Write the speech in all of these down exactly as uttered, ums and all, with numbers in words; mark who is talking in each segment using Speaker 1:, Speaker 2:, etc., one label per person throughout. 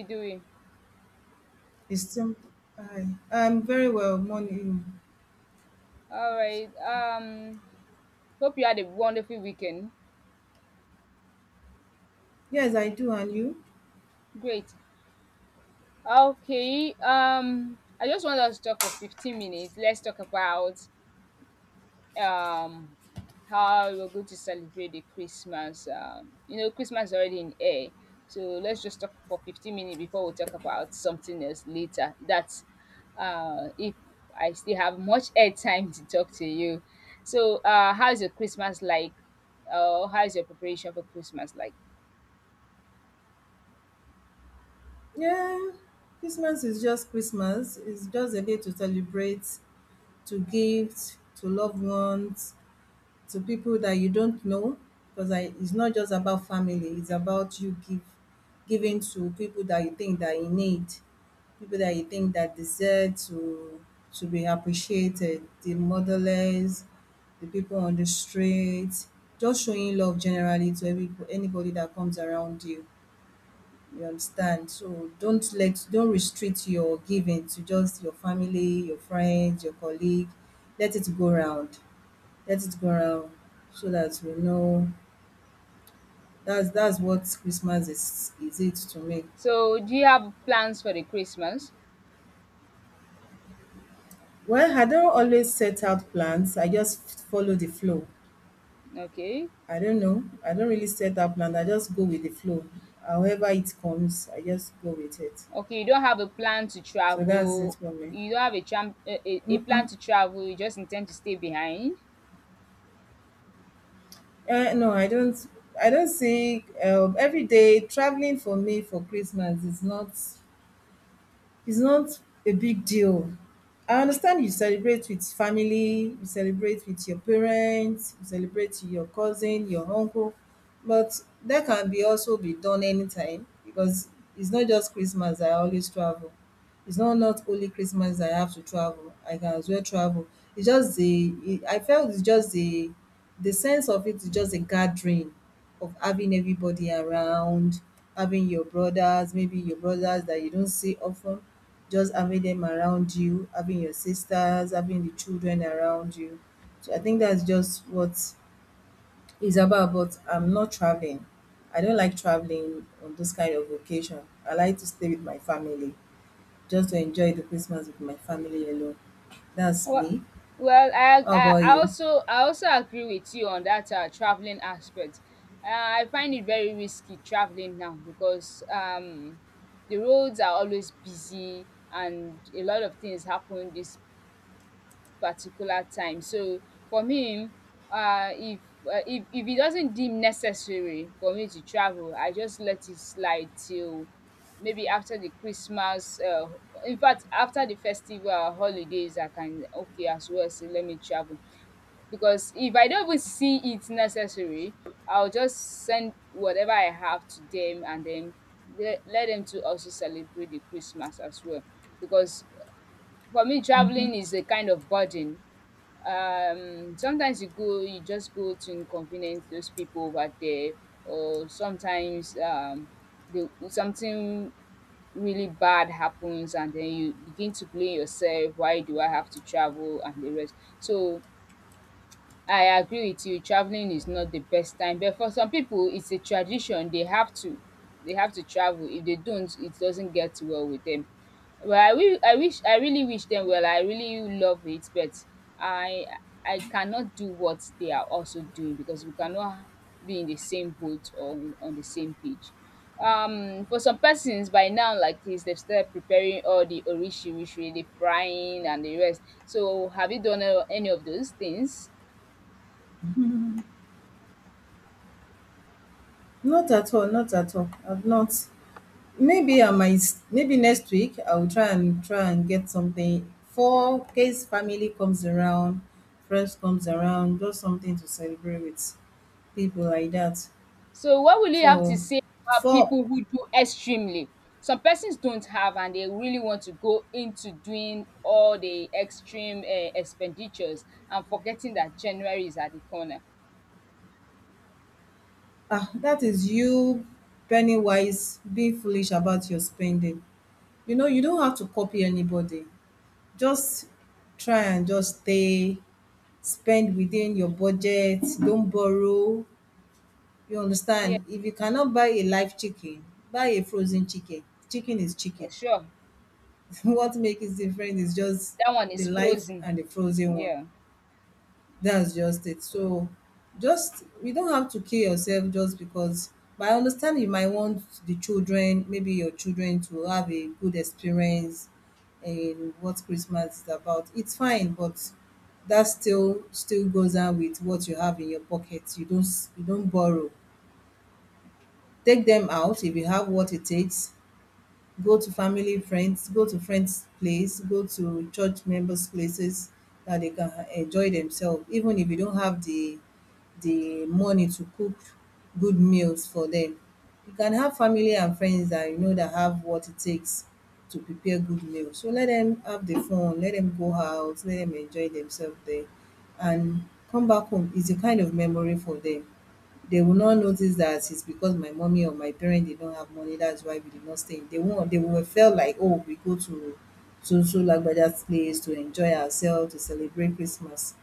Speaker 1: You doing?
Speaker 2: It's still hi. I'm very well, morning.
Speaker 1: All right. Um, hope you had a wonderful weekend.
Speaker 2: Yes, I do, and you?
Speaker 1: Great. Okay. Um, I just want us to talk for fifteen minutes. Let's talk about um how we're going to celebrate the Christmas. Um, you know, Christmas is already in air. So let's just talk for fifteen minutes before we talk about something else later. That's uh if I still have much air time to talk to you. So uh how's your Christmas like? Uh how's your preparation for Christmas like?
Speaker 2: Yeah, Christmas is just Christmas. It's just a day to celebrate, to gift, to loved ones, to people that you don't know. Because I, it's not just about family. It's about you give, giving to people that you think that you need. People that you think that deserve to to be appreciated, the motherless, the people on the street, just showing love generally to every anybody that comes around you. You understand? So don't let don't restrict your giving to just your family, your friends, your colleague. Let it go round. Let it go round so that we know that's that's what Christmas is is it to me.
Speaker 1: So, do you have plans for the Christmas?
Speaker 2: Well, I don't always set out plans. I just follow the flow.
Speaker 1: Okay.
Speaker 2: I don't know. I don't really set that plan. I just go with the flow. However it comes, I just go with it.
Speaker 1: Okay, you don't have a plan to
Speaker 2: So that's it
Speaker 1: travel.
Speaker 2: for me.
Speaker 1: You don't have a tram a a a plan
Speaker 2: Mm-mm.
Speaker 1: to travel, you just intend to stay behind.
Speaker 2: Uh, no, I don't. I don't see um, every day traveling for me for Christmas is not It's not a big deal. I understand you celebrate with family, you celebrate with your parents, you celebrate with your cousin, your uncle, but that can be also be done anytime because it's not just Christmas I always travel. It's not not only Christmas I have to travel. I can as well travel. It's just the it, I felt it's just the the sense of it is just a gathering of having everybody around, having your brothers, maybe your brothers that you don't see often just having them around you, having your sisters, having the children around you. So I think that's just what it's about. But I'm not traveling. I don't like traveling on those kind of occasion. I like to stay with my family, just to enjoy the Christmas with my family alone. That's
Speaker 1: Well,
Speaker 2: me.
Speaker 1: well, I
Speaker 2: How
Speaker 1: I
Speaker 2: about
Speaker 1: I
Speaker 2: you?
Speaker 1: also I also agree with you on that, uh, traveling aspect. Uh, I find it very risky traveling now because, um, the roads are always busy and a lot of things happen this particular time. So for me um if uh, if if it doesn't deem necessary for me to travel, I just let it slide till maybe after the Christmas. Uh, In fact, after the festival holidays I can okay as well sey let me travel, because if I don't even see it necessary, I will just send whatever I have to them and then le let them to also celebrate the Christmas as well, because for me
Speaker 2: Hmm.
Speaker 1: travelling is a kind of burden. Um sometimes you go, you just go to inconvenience those people over there, or sometimes um the something really bad happens and then you begin to blame yourself, why do I have to travel and the rest. So I agree with you, traveling is not the best time, but for some people it's a tradition, they have to they have to travel. If they don't, it doesn't get well with them. Well, I will I wish, I really wish them well. I really love it, but I I cannot do what they are also doing, because we cannot be in the same boat, or in, on the same page. Um, for some persons by now, like this, they've started preparing all the orishirishi, the frying and the rest. So, have you done uh, any of those things?
Speaker 2: Not at all. Not at all. I've not. Maybe I might, maybe next week I will try and try and get something for case family comes around, friends comes around, just something to celebrate with people like that.
Speaker 1: So what will you have to
Speaker 2: So
Speaker 1: say about
Speaker 2: for
Speaker 1: people who do extremely? Some persons don't have and they really want to go into doing all the extreme um expenditures and forgetting that January is at the corner.
Speaker 2: Ah, that is you penny wise, being foolish about your spending. You know, you don't have to copy anybody. Just try and just stay, spend within your budget, don't borrow. You
Speaker 1: Yeah,
Speaker 2: understand? If you cannot buy a live chicken, buy a frozen chicken. Chicken is chicken.
Speaker 1: sure.
Speaker 2: What makes it different is just
Speaker 1: That one
Speaker 2: the
Speaker 1: is
Speaker 2: live
Speaker 1: frozen.
Speaker 2: and the frozen one.
Speaker 1: Yeah.
Speaker 2: That's just it. So just you don't have to kill yourself just because but I understand you might want the children, maybe your children to have a good experience in what Christmas is about. It's fine, but that still still goes on with what you have in your pocket. You don't s- you don't borrow. Take them out if you have what it takes. Go to family, friends, go to friends' place, go to church members' places that they can enjoy themselves. Even if you don't have the the money to cook good meals for them, you can have family and friends that you know that have what it takes to prepare good meals. So let them have the fun, let them go out, let them enjoy themselves there and come back home. It's a kind of memory for them. They will not notice that it's because my mommy or my parent did not have money, that's why we did not stay. They won't They will feel like, oh, we go to to so Lagbaja's place to enjoy ourselves, to celebrate Christmas.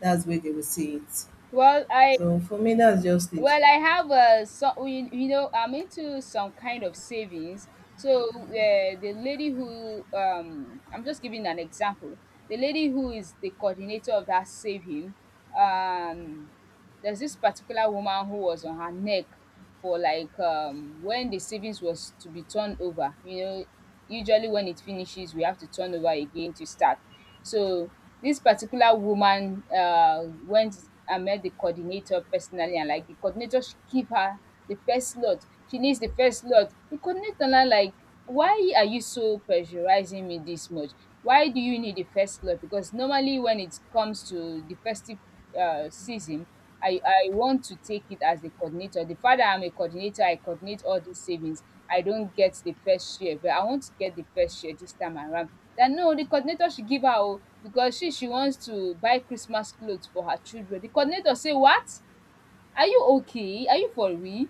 Speaker 2: That's where they will see it.
Speaker 1: Well, I
Speaker 2: So for me that's just it.
Speaker 1: Well, I have uh, some, you, you know I'm into some kind of savings. So uh, the lady who um I'm just giving an example. The lady who is the coordinator of that saving, um, there's this particular woman who was on her neck for like um when the savings was to be turned over. You know, usually when it finishes, we have to turn over again to start. So this particular woman uh, went and met the coordinator personally and like the coordinator, she give her the first lot. She needs the first lot. The coordinator now like, why are you so pressurizing me this much? Why do you need the first lot? Because normally when it comes to the festive um season, I I want to take it as the coordinator. The fact dat I'm a coordinator, I coordinate all dis savings. I don't get the first share but I want to get the first share this time around. That no, the coordinator should give her oo because she she wants to buy Christmas cloth for her children. The coordinator say what? Are you okay? Are you for real?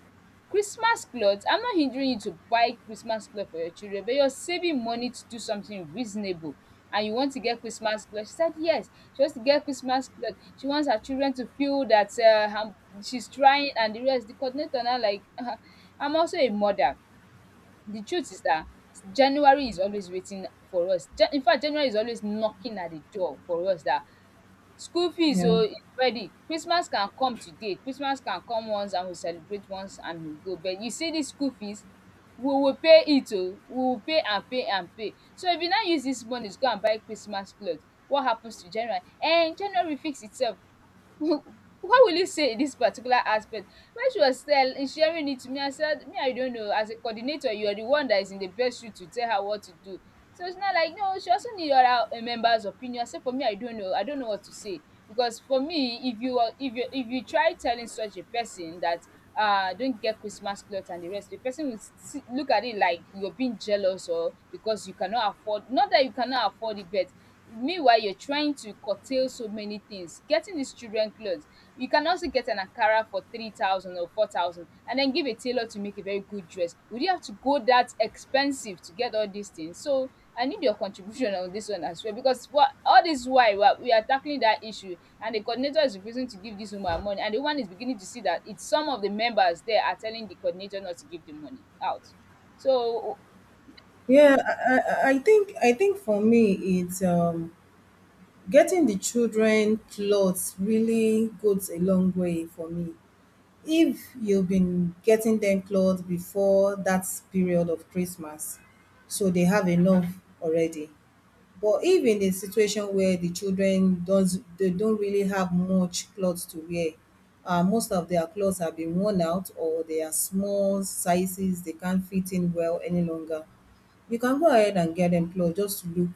Speaker 1: Christmas cloth? I'm not hindering you to buy Christmas cloth for your children but you're saving money to do something reasonable and you want to get Christmas cloth. She said yes, she wants to get Christmas cloth. She wants her children to feel that uh, her she's trying and the rest. The coordinator now like I'm also a mother. The truth is that January is always waiting for us. Ja- In fact January is always knocking at the door for us that school fees
Speaker 2: Yeah.
Speaker 1: oo is ready, Christmas can come today, Christmas can come once and we celebrate once and we go, but you see this school fees, we will pay it oo, we will pay and pay and pay. So if you now use this money to go and buy Christmas cloth, what happens to January? um January fix itself. What will you say in this particular aspect? When she was tell sharing it to me, I said, me I don't know, as a coordinator you are the one that is in the best shoe to tell her what to do. So it's not like, no, she also need other um, members opinion. I say, for me I don't know, I don't know what to say, because for me if you are- if you if you try telling such a person that uh don't get Christmas cloth and the rest, the person will see, look at it like you're being jealous, or because you cannot afford, not that you cannot afford it, but meanwhile you're trying to curtail so many things, getting these children clothes. You can also get an ankara for three thousand or four thousand and then give a tailor to make a very good dress. Would you have to go that expensive to get all these things? So I need your contribution on this one as well, because what, all this while we are, we are tackling that issue and the coordinator is refusing to give this woman money, and the woman is beginning to see that it's some of the members there are telling the coordinator not to give the money out. So
Speaker 2: Yeah, I, I I think I think for me it's um getting the children clothes really goes a long way for me. If you've been getting them clothes before that period of Christmas, so they have enough already. But if in a situation where the children does they don't really have much clothes to wear, uh, most of their clothes have been worn out or they are small sizes, they can't fit in well any longer, you can go ahead and get them clothes just to look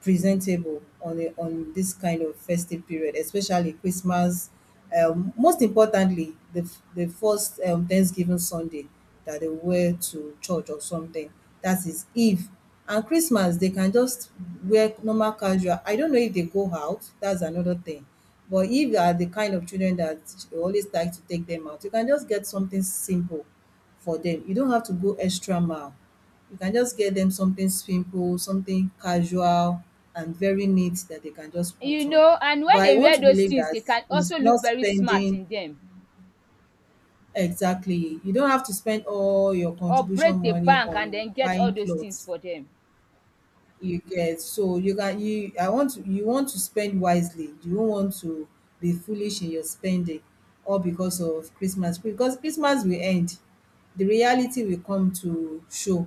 Speaker 2: presentable on a on this kind of festive period, especially Christmas. Um, most importantly, the f- the first um, Thanksgiving Sunday that they wear to church or something. That is Eve. And Christmas, they can just wear normal casual. I don't know if they go out. That's another thing. But if you are the kind of children that you always like to take them out, you can just get something simple for them. You don't have to go extra mile. You can just get them something simple, something casual, and very neat that they can just
Speaker 1: you
Speaker 2: put on.
Speaker 1: know, and when
Speaker 2: But I
Speaker 1: they
Speaker 2: want
Speaker 1: wear
Speaker 2: to
Speaker 1: those
Speaker 2: believe
Speaker 1: things
Speaker 2: that
Speaker 1: they can
Speaker 2: it's
Speaker 1: also look
Speaker 2: not
Speaker 1: very smart
Speaker 2: spending
Speaker 1: in them,
Speaker 2: exactly. You don't have to spend all your
Speaker 1: or
Speaker 2: contribution
Speaker 1: break the
Speaker 2: money
Speaker 1: bank and
Speaker 2: on
Speaker 1: then get all
Speaker 2: buying
Speaker 1: those things
Speaker 2: clothes.
Speaker 1: for them.
Speaker 2: You get. So you can you I want to you want to spend wisely. You don't want to be foolish in your spending all because of Christmas. Because Christmas will end. The reality will come to show.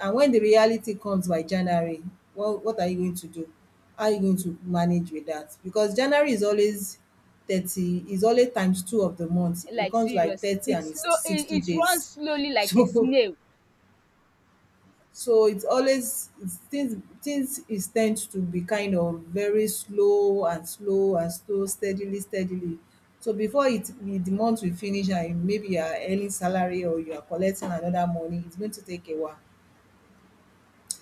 Speaker 2: And when the reality comes by January, what what are you going to do? How are you going to manage with that? Because January is always thirty, is always times two of the month. It
Speaker 1: Like
Speaker 2: comes like
Speaker 1: seriously
Speaker 2: thirty
Speaker 1: it
Speaker 2: and it's
Speaker 1: slow it
Speaker 2: sixty
Speaker 1: it runs
Speaker 2: days.
Speaker 1: slowly like a
Speaker 2: So
Speaker 1: snail.
Speaker 2: so it's always it's things things is tend to be kind of very slow and slow and slow steadily steadily. So before it we the month will finish and maybe you are earning salary or you are collecting another money, it's going to take a while.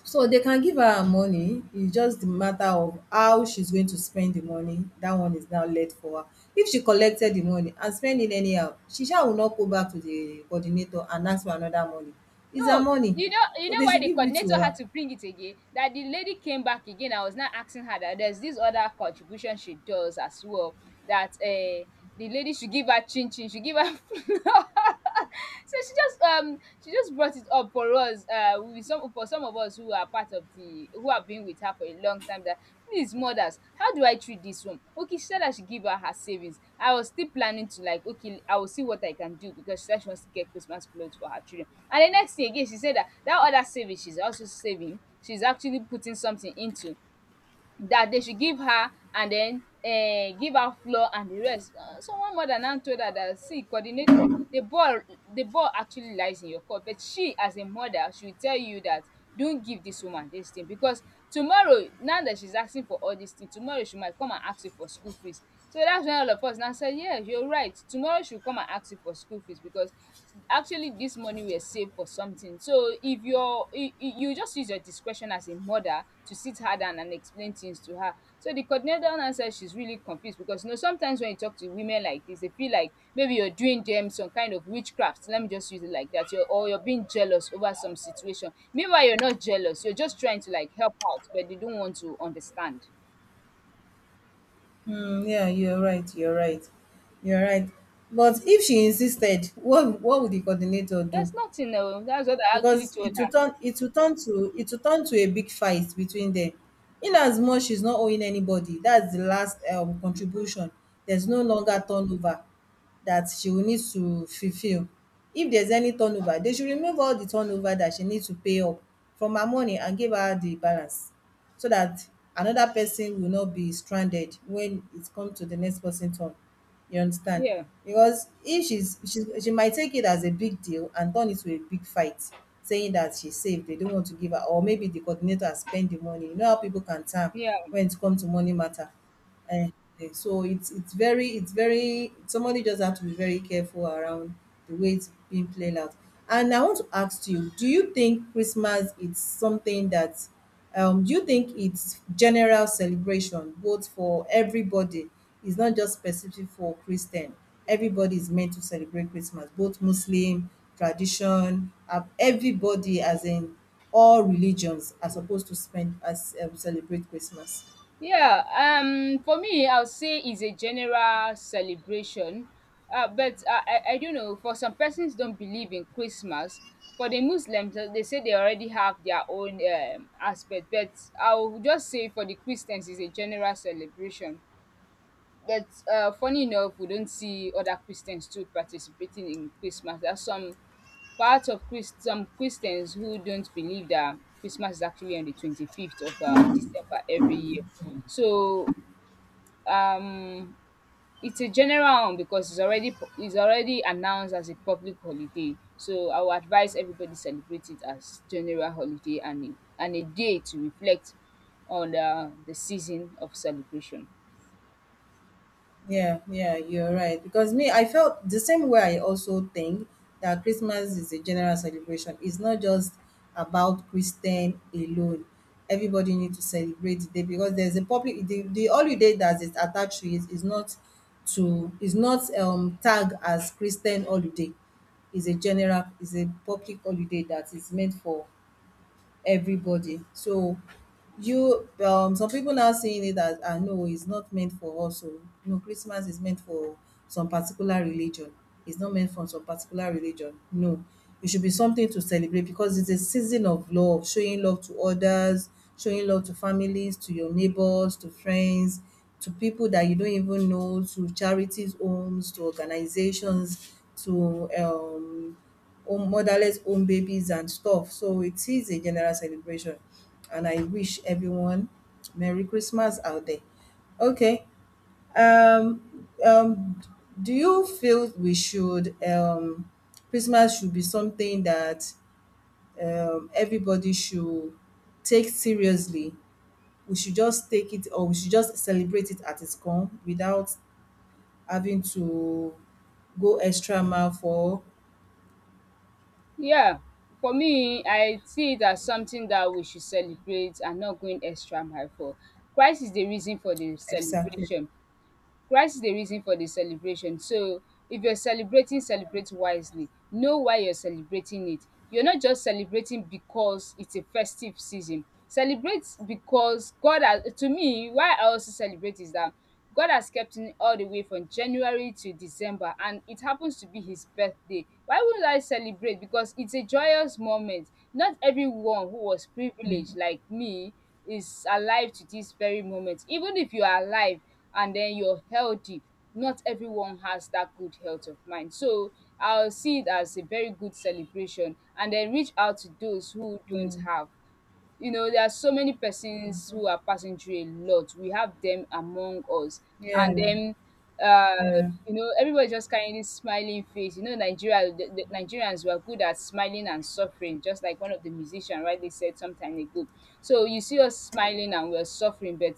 Speaker 2: So they can give her her money, it's just the matter of how she's going to spend the money, that one is now left for her. If she collected the money and spend it anyhow, she sha will not go back to the coordinator and ask for another money. It's her
Speaker 1: No,
Speaker 2: money.
Speaker 1: you know you
Speaker 2: So
Speaker 1: know
Speaker 2: they
Speaker 1: why
Speaker 2: should
Speaker 1: the
Speaker 2: give it to
Speaker 1: coordinator had
Speaker 2: her.
Speaker 1: to bring it again? That the lady came back again. I was now asking her that there's this other contribution she does as well. That uh the lady should give her chin chin, should give her flour. So she just um she just brought it up for us, uh with some, for some of us who are part of the, who have been with her for a long time, that please mothers, how do I treat this one? Okay, she said that she give her her savings. I was still planning to like, okay, I will see what I can do, because she said she wants to get Christmas clothes for her children. And the next thing again she said that that other saving she's also saving, she's actually putting something into, that they should give her and then um give her flour and the rest. Uh, Someone mother now told her that, see coordinator, the ball the ball actually lies in your court, but she as a mother she will tell you that don't give this woman this thing, because tomorrow now that she's asking for all this thing, tomorrow she might come and ask you for school fees. So that's when all of us now said yes, you're right, tomorrow she will come and ask you for school fees, because actually this money were saved for something. So if you're you, you, you just use your discretion as a mother to sit her down and explain things to her. So the coordinator now said she's really confused, because you know sometimes when you talk to women like this, they feel like maybe you're doing them some kind of witchcraft, let me just use it like that, you're, or you're being jealous over some situation, meanwhile you're not jealous, you're just trying to like help out, but they don't want to understand.
Speaker 2: Mm, yeah, you're right. You're right. You're right. But if she insisted, what what would the coordinator
Speaker 1: There's
Speaker 2: do?
Speaker 1: nothing, no, that's what I actually
Speaker 2: Because
Speaker 1: told
Speaker 2: it will
Speaker 1: her.
Speaker 2: turn it will turn to it will turn to a big fight between them. In as much she's not owing anybody, that's the last um, contribution. There's no longer turnover that she will need to fulfill. If there's any turnover, they should remove all the turnover that she needs to pay up from her money and give her the balance so that another person will not be stranded when it comes to the next person turn. You understand?
Speaker 1: Yeah.
Speaker 2: Because if she's she's she might take it as a big deal and turn it to a big fight saying that she's safe they don't want to give her or maybe the coordinator has spent the money. You know how people can term
Speaker 1: Yeah.
Speaker 2: when it comes to money matter. Eh, eh, so it's it's very it's very somebody just have to be very careful around the way it's being played out. And I want to ask you, do you think Christmas is something that um do you think it's general celebration both for everybody? It's not just specific for Christian. Everybody is meant to celebrate Christmas, both Muslim, tradition, uh, everybody as in all religions are supposed to spend as um, celebrate Christmas.
Speaker 1: Yeah, um, for me, I'll say it's a general celebration. Uh, but I, I, I don't know, for some persons don't believe in Christmas. For the Muslims, uh, they say they already have their own um, aspect. But I'll just say for the Christians, it's a general celebration. But uh, funny enough, we don't see other Christians too participating in Christmas. There are some parts of Christ, some Christians who don't believe that Christmas is actually on the twenty-fifth of uh, December every year. So um, it's a general one because it's already pu- it's already announced as a public holiday. So I would advise everybody celebrate it as general holiday and a, and a day to reflect on uh, the season of celebration.
Speaker 2: Yeah, yeah, you're right. Because me, I felt the same way. I also think that Christmas is a general celebration. It's not just about Christian alone. Everybody needs to celebrate the day because there's a public the, the holiday that is attached to it is not to is not um tagged as Christian holiday. Is a general is a public holiday that is meant for everybody. So you um some people now seeing it as ah no, it's not meant for us. So no, Christmas is meant for some particular religion. It's not meant for some particular religion. No. It should be something to celebrate because it's a season of love, showing love to others, showing love to families, to your neighbors, to friends, to people that you don't even know, to charities homes, to organizations, to um home motherless home babies and stuff. So it is a general celebration, and I wish everyone Merry Christmas out there. Okay. Um, um, do you feel we should um, Christmas should be something that um, everybody should take seriously? We should just take it, or we should just celebrate it at its come without having to go extra mile for
Speaker 1: Yeah, for me I see it as something that we should celebrate and not going extra mile for. Crisis dey reason for the
Speaker 2: exactly.
Speaker 1: celebration. Christ is the reason for the celebration. So if you're celebrating, celebrate wisely. Know why you're celebrating it. You're not just celebrating because it's a festive season. Celebrate because God has, to me, why I also celebrate is that God has kept me all the way from January to December, and it happens to be his birthday. Why would I celebrate? Because it's a joyous moment. Not everyone who was privileged like me is alive to this very moment. Even if you are alive, and then you're healthy. Not everyone has that good health of mind. So I'll see it as a very good celebration and then reach out to those who don't
Speaker 2: Mm.
Speaker 1: have. You know there are so many persons who are passing through a lot. We have them among us, and
Speaker 2: Yeah,
Speaker 1: then uh
Speaker 2: yeah.
Speaker 1: you know, everybody just carrying this smiling face. You know, Nigeria, the, the Nigerians were good at smiling and suffering, just like one of the musicians rightly said some time ago. So you see us smiling and we're suffering, but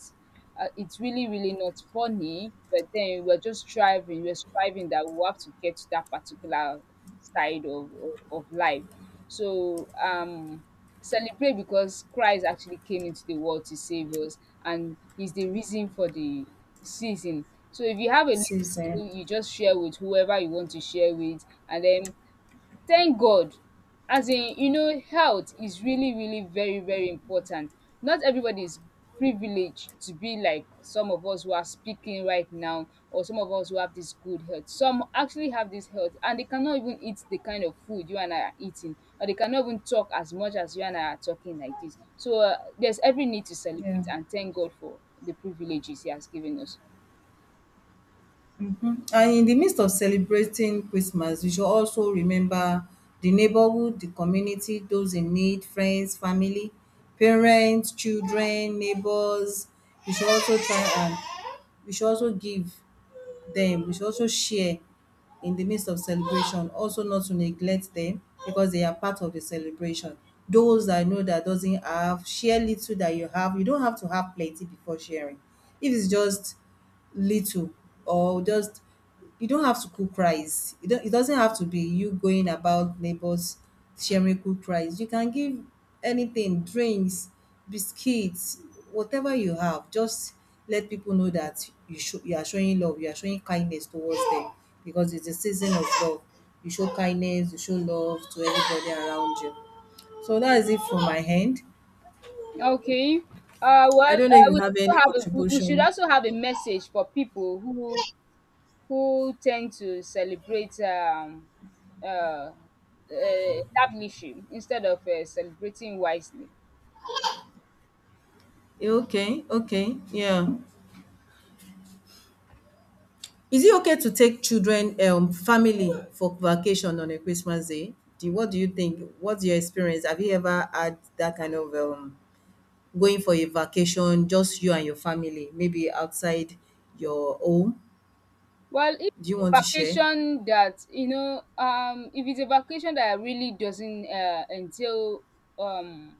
Speaker 1: uh, it's really really not funny. But then we're just striving, we're striving that we have to get to that particular side of of, of life. So um celebrate because Christ actually came into the world to save us, and he's the reason for the season. So if you have a
Speaker 2: Season.
Speaker 1: little, you just share with whoever you want to share with, and then thank God. As in, you know, health is really, really very, very important. Not everybody is privileged to be like some of us who are speaking right now, or some of us who have this good health. Some actually have this health and they cannot even eat the kind of food you and I are eating, or they cannot even talk as much as you and I are talking like this. So uh, there's every need to
Speaker 2: Yeah.
Speaker 1: celebrate and thank God for the privileges He has given us.
Speaker 2: And in the midst of celebrating Christmas, we should also remember the neighborhood, the community, those in need, friends, family, parents, children, neighbors. We should also try and we should also give them. We should also share in the midst of celebration. Also not to neglect them because they are part of the celebration. Those I know that doesn't have, share little that you have. You don't have to have plenty before sharing. If it's just little or just you don't have to cook rice. It, don't, it doesn't have to be you going about neighbors sharing cooked rice. You can give anything, drinks, biscuits, whatever you have. Just let people know that you show, you are showing love, you are showing kindness towards them because it's a season of love. You show kindness, you show love to everybody around you. So that is it from my hand.
Speaker 1: Okay. Uh,
Speaker 2: I
Speaker 1: well,
Speaker 2: don't know if
Speaker 1: uh,
Speaker 2: you
Speaker 1: we
Speaker 2: have any
Speaker 1: also have a, we we should
Speaker 2: contribution.
Speaker 1: also have a message for people who who tend to celebrate um, uh, eh, lavishly instead of uh, celebrating wisely.
Speaker 2: Okay, okay, yeah. Is it okay to take children, um, family for vacation on a Christmas day? Do What do you think? What's your experience? Have you ever had that kind of um, going for a vacation, just you and your family, maybe outside your home?
Speaker 1: Well, if
Speaker 2: Do you
Speaker 1: it's
Speaker 2: want
Speaker 1: a
Speaker 2: to share
Speaker 1: vacation that you know, um, if it's a vacation that really doesn't uh, entail um,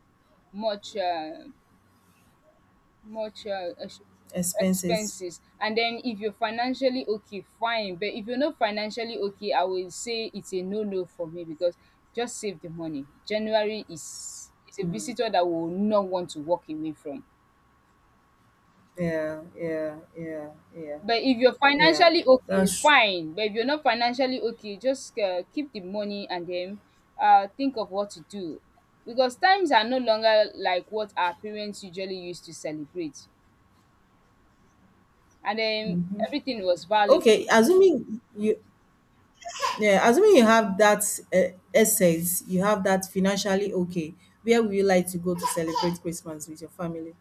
Speaker 1: much. Uh, Much, uh, ex
Speaker 2: expenses?
Speaker 1: expenses, and then if you're financially okay, fine, but if you're not financially okay, I will say it's a no-no for me, because just save the money. January is is a visitor that will not want to walk away from.
Speaker 2: Yeah, yeah, yeah, yeah,
Speaker 1: But if you're
Speaker 2: yeah.
Speaker 1: financially okay,
Speaker 2: That's
Speaker 1: fine, but if you're not financially okay, just, uh, keep the money, and then, uh, think of what to do, because times are no longer like what our parents usually used to celebrate, and then everything was valid.
Speaker 2: okay. Assuming you, yeah, assuming you have that uh, essence, you have that financially okay. Where would you like to go to celebrate Christmas with your family?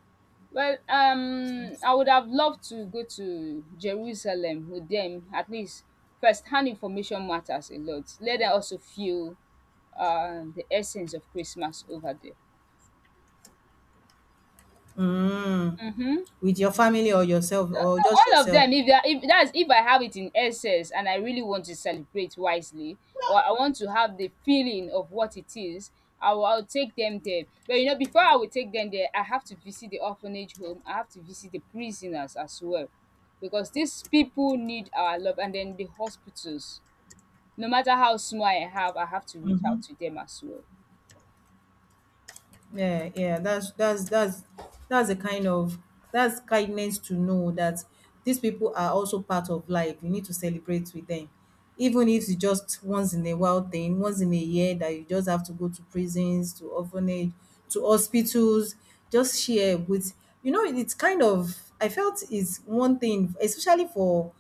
Speaker 1: Well, um, I would have loved to go to Jerusalem with them. At least first-hand information matters a lot. Let them also feel uh, the essence of Christmas over there.
Speaker 2: Mm,
Speaker 1: Mm-hmm.
Speaker 2: with your family or yourself or just
Speaker 1: All of
Speaker 2: yourself.
Speaker 1: them, if they are, if that's, if I have it in excess and I really want to celebrate wisely, or I want to have the feeling of what it is, i will I'll take them there. But you know, before I will take them there, I have to visit the orphanage home, I have to visit the prisoners as well, because these people need our love, and then the hospitals, no matter how small I have, I have to reach out to them as well.
Speaker 2: Yeah, yeah, that's that's that's that's a kind of that's kindness to know that these people are also part of life. You need to celebrate with them. Even if it's just once in a while thing, once in a year that you just have to go to prisons, to orphanage, to hospitals, just share with. You know, it's kind of I felt it's one thing, especially for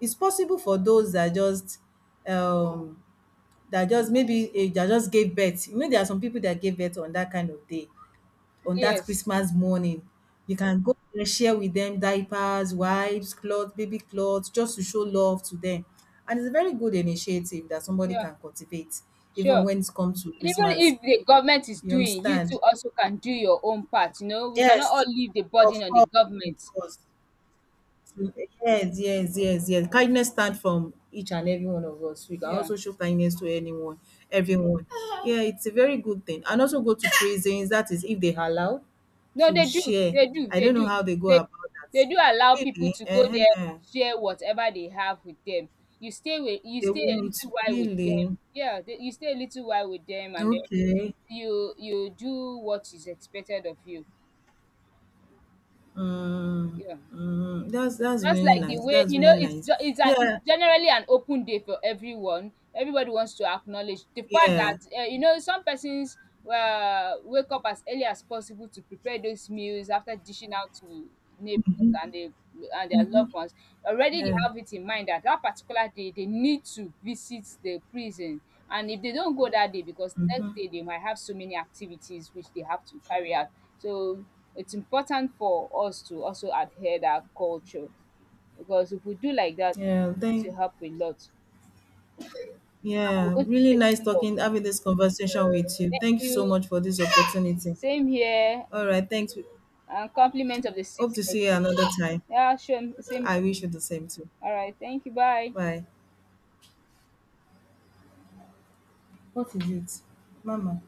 Speaker 2: it's possible for those that just um that just maybe eh, that just gave birth. You know, there are some people that gave birth on that kind of day, on that
Speaker 1: Yes.
Speaker 2: Christmas morning. You can go and share with them diapers, wipes, clothes, baby clothes, just to show love to them. And it's a very good initiative that somebody
Speaker 1: Yeah,
Speaker 2: can cultivate, even
Speaker 1: sure.
Speaker 2: when it comes to
Speaker 1: Even
Speaker 2: Christmas.
Speaker 1: if the government is
Speaker 2: You
Speaker 1: doing, you too
Speaker 2: understand?
Speaker 1: also can do your own part. You know, we cannot all
Speaker 2: Yes,
Speaker 1: leave the
Speaker 2: of
Speaker 1: burden on the
Speaker 2: course, of
Speaker 1: government.
Speaker 2: course. Yes, yes, yes, yes. Kindness start from each and every one of us. We can
Speaker 1: Yeah.
Speaker 2: also show kindness to anyone, everyone. Yeah, it's a very good thing. And also go to prisons, that is if they are allowed
Speaker 1: No,
Speaker 2: to
Speaker 1: they do,
Speaker 2: share.
Speaker 1: they do,
Speaker 2: I
Speaker 1: they
Speaker 2: don't know
Speaker 1: do.
Speaker 2: how they go
Speaker 1: They
Speaker 2: about that.
Speaker 1: they do allow people
Speaker 2: Really?
Speaker 1: to go there and
Speaker 2: uh
Speaker 1: share whatever they have with them. You stay with, you
Speaker 2: They
Speaker 1: stay a
Speaker 2: won't.
Speaker 1: little while with them.
Speaker 2: Really?
Speaker 1: Yeah, they, you stay a little while with them, and then
Speaker 2: Okay.
Speaker 1: you you do what is expected of you.
Speaker 2: Mm,
Speaker 1: Yeah.
Speaker 2: mm, that's that's
Speaker 1: Just
Speaker 2: really
Speaker 1: like the
Speaker 2: nice.
Speaker 1: way
Speaker 2: That's
Speaker 1: you know,
Speaker 2: really
Speaker 1: it's
Speaker 2: nice.
Speaker 1: ju it's a, it's
Speaker 2: Yeah,
Speaker 1: generally an open day for everyone. Everybody wants to acknowledge the fact
Speaker 2: yeah,
Speaker 1: that, eh, you know, some persons, uh, wake up as early as possible to prepare those meals after dishing out to neighbors and they and their loved ones. Already they
Speaker 2: yeah,
Speaker 1: have it in mind that that particular day they need to visit the prison, and if they don't go that day, because the next day they might have so many activities which they have to carry out. So it's important for us to also adhere that culture. Because if we do like that,
Speaker 2: yeah.
Speaker 1: it's
Speaker 2: Thank.
Speaker 1: going to help a lot. And we're
Speaker 2: Yeah,
Speaker 1: going to
Speaker 2: really
Speaker 1: straight
Speaker 2: nice
Speaker 1: blow up.
Speaker 2: talking, having this conversation with you.
Speaker 1: Thank
Speaker 2: Thank you so
Speaker 1: you.
Speaker 2: much for this opportunity.
Speaker 1: Same here.
Speaker 2: All right, thanks.
Speaker 1: And compliment of the
Speaker 2: Hope
Speaker 1: season
Speaker 2: to see you
Speaker 1: again.
Speaker 2: another time.
Speaker 1: Yeah, sure. Same here.
Speaker 2: I wish you the same too.
Speaker 1: All right. Thank you. Bye.
Speaker 2: Bye. What is it? Mama.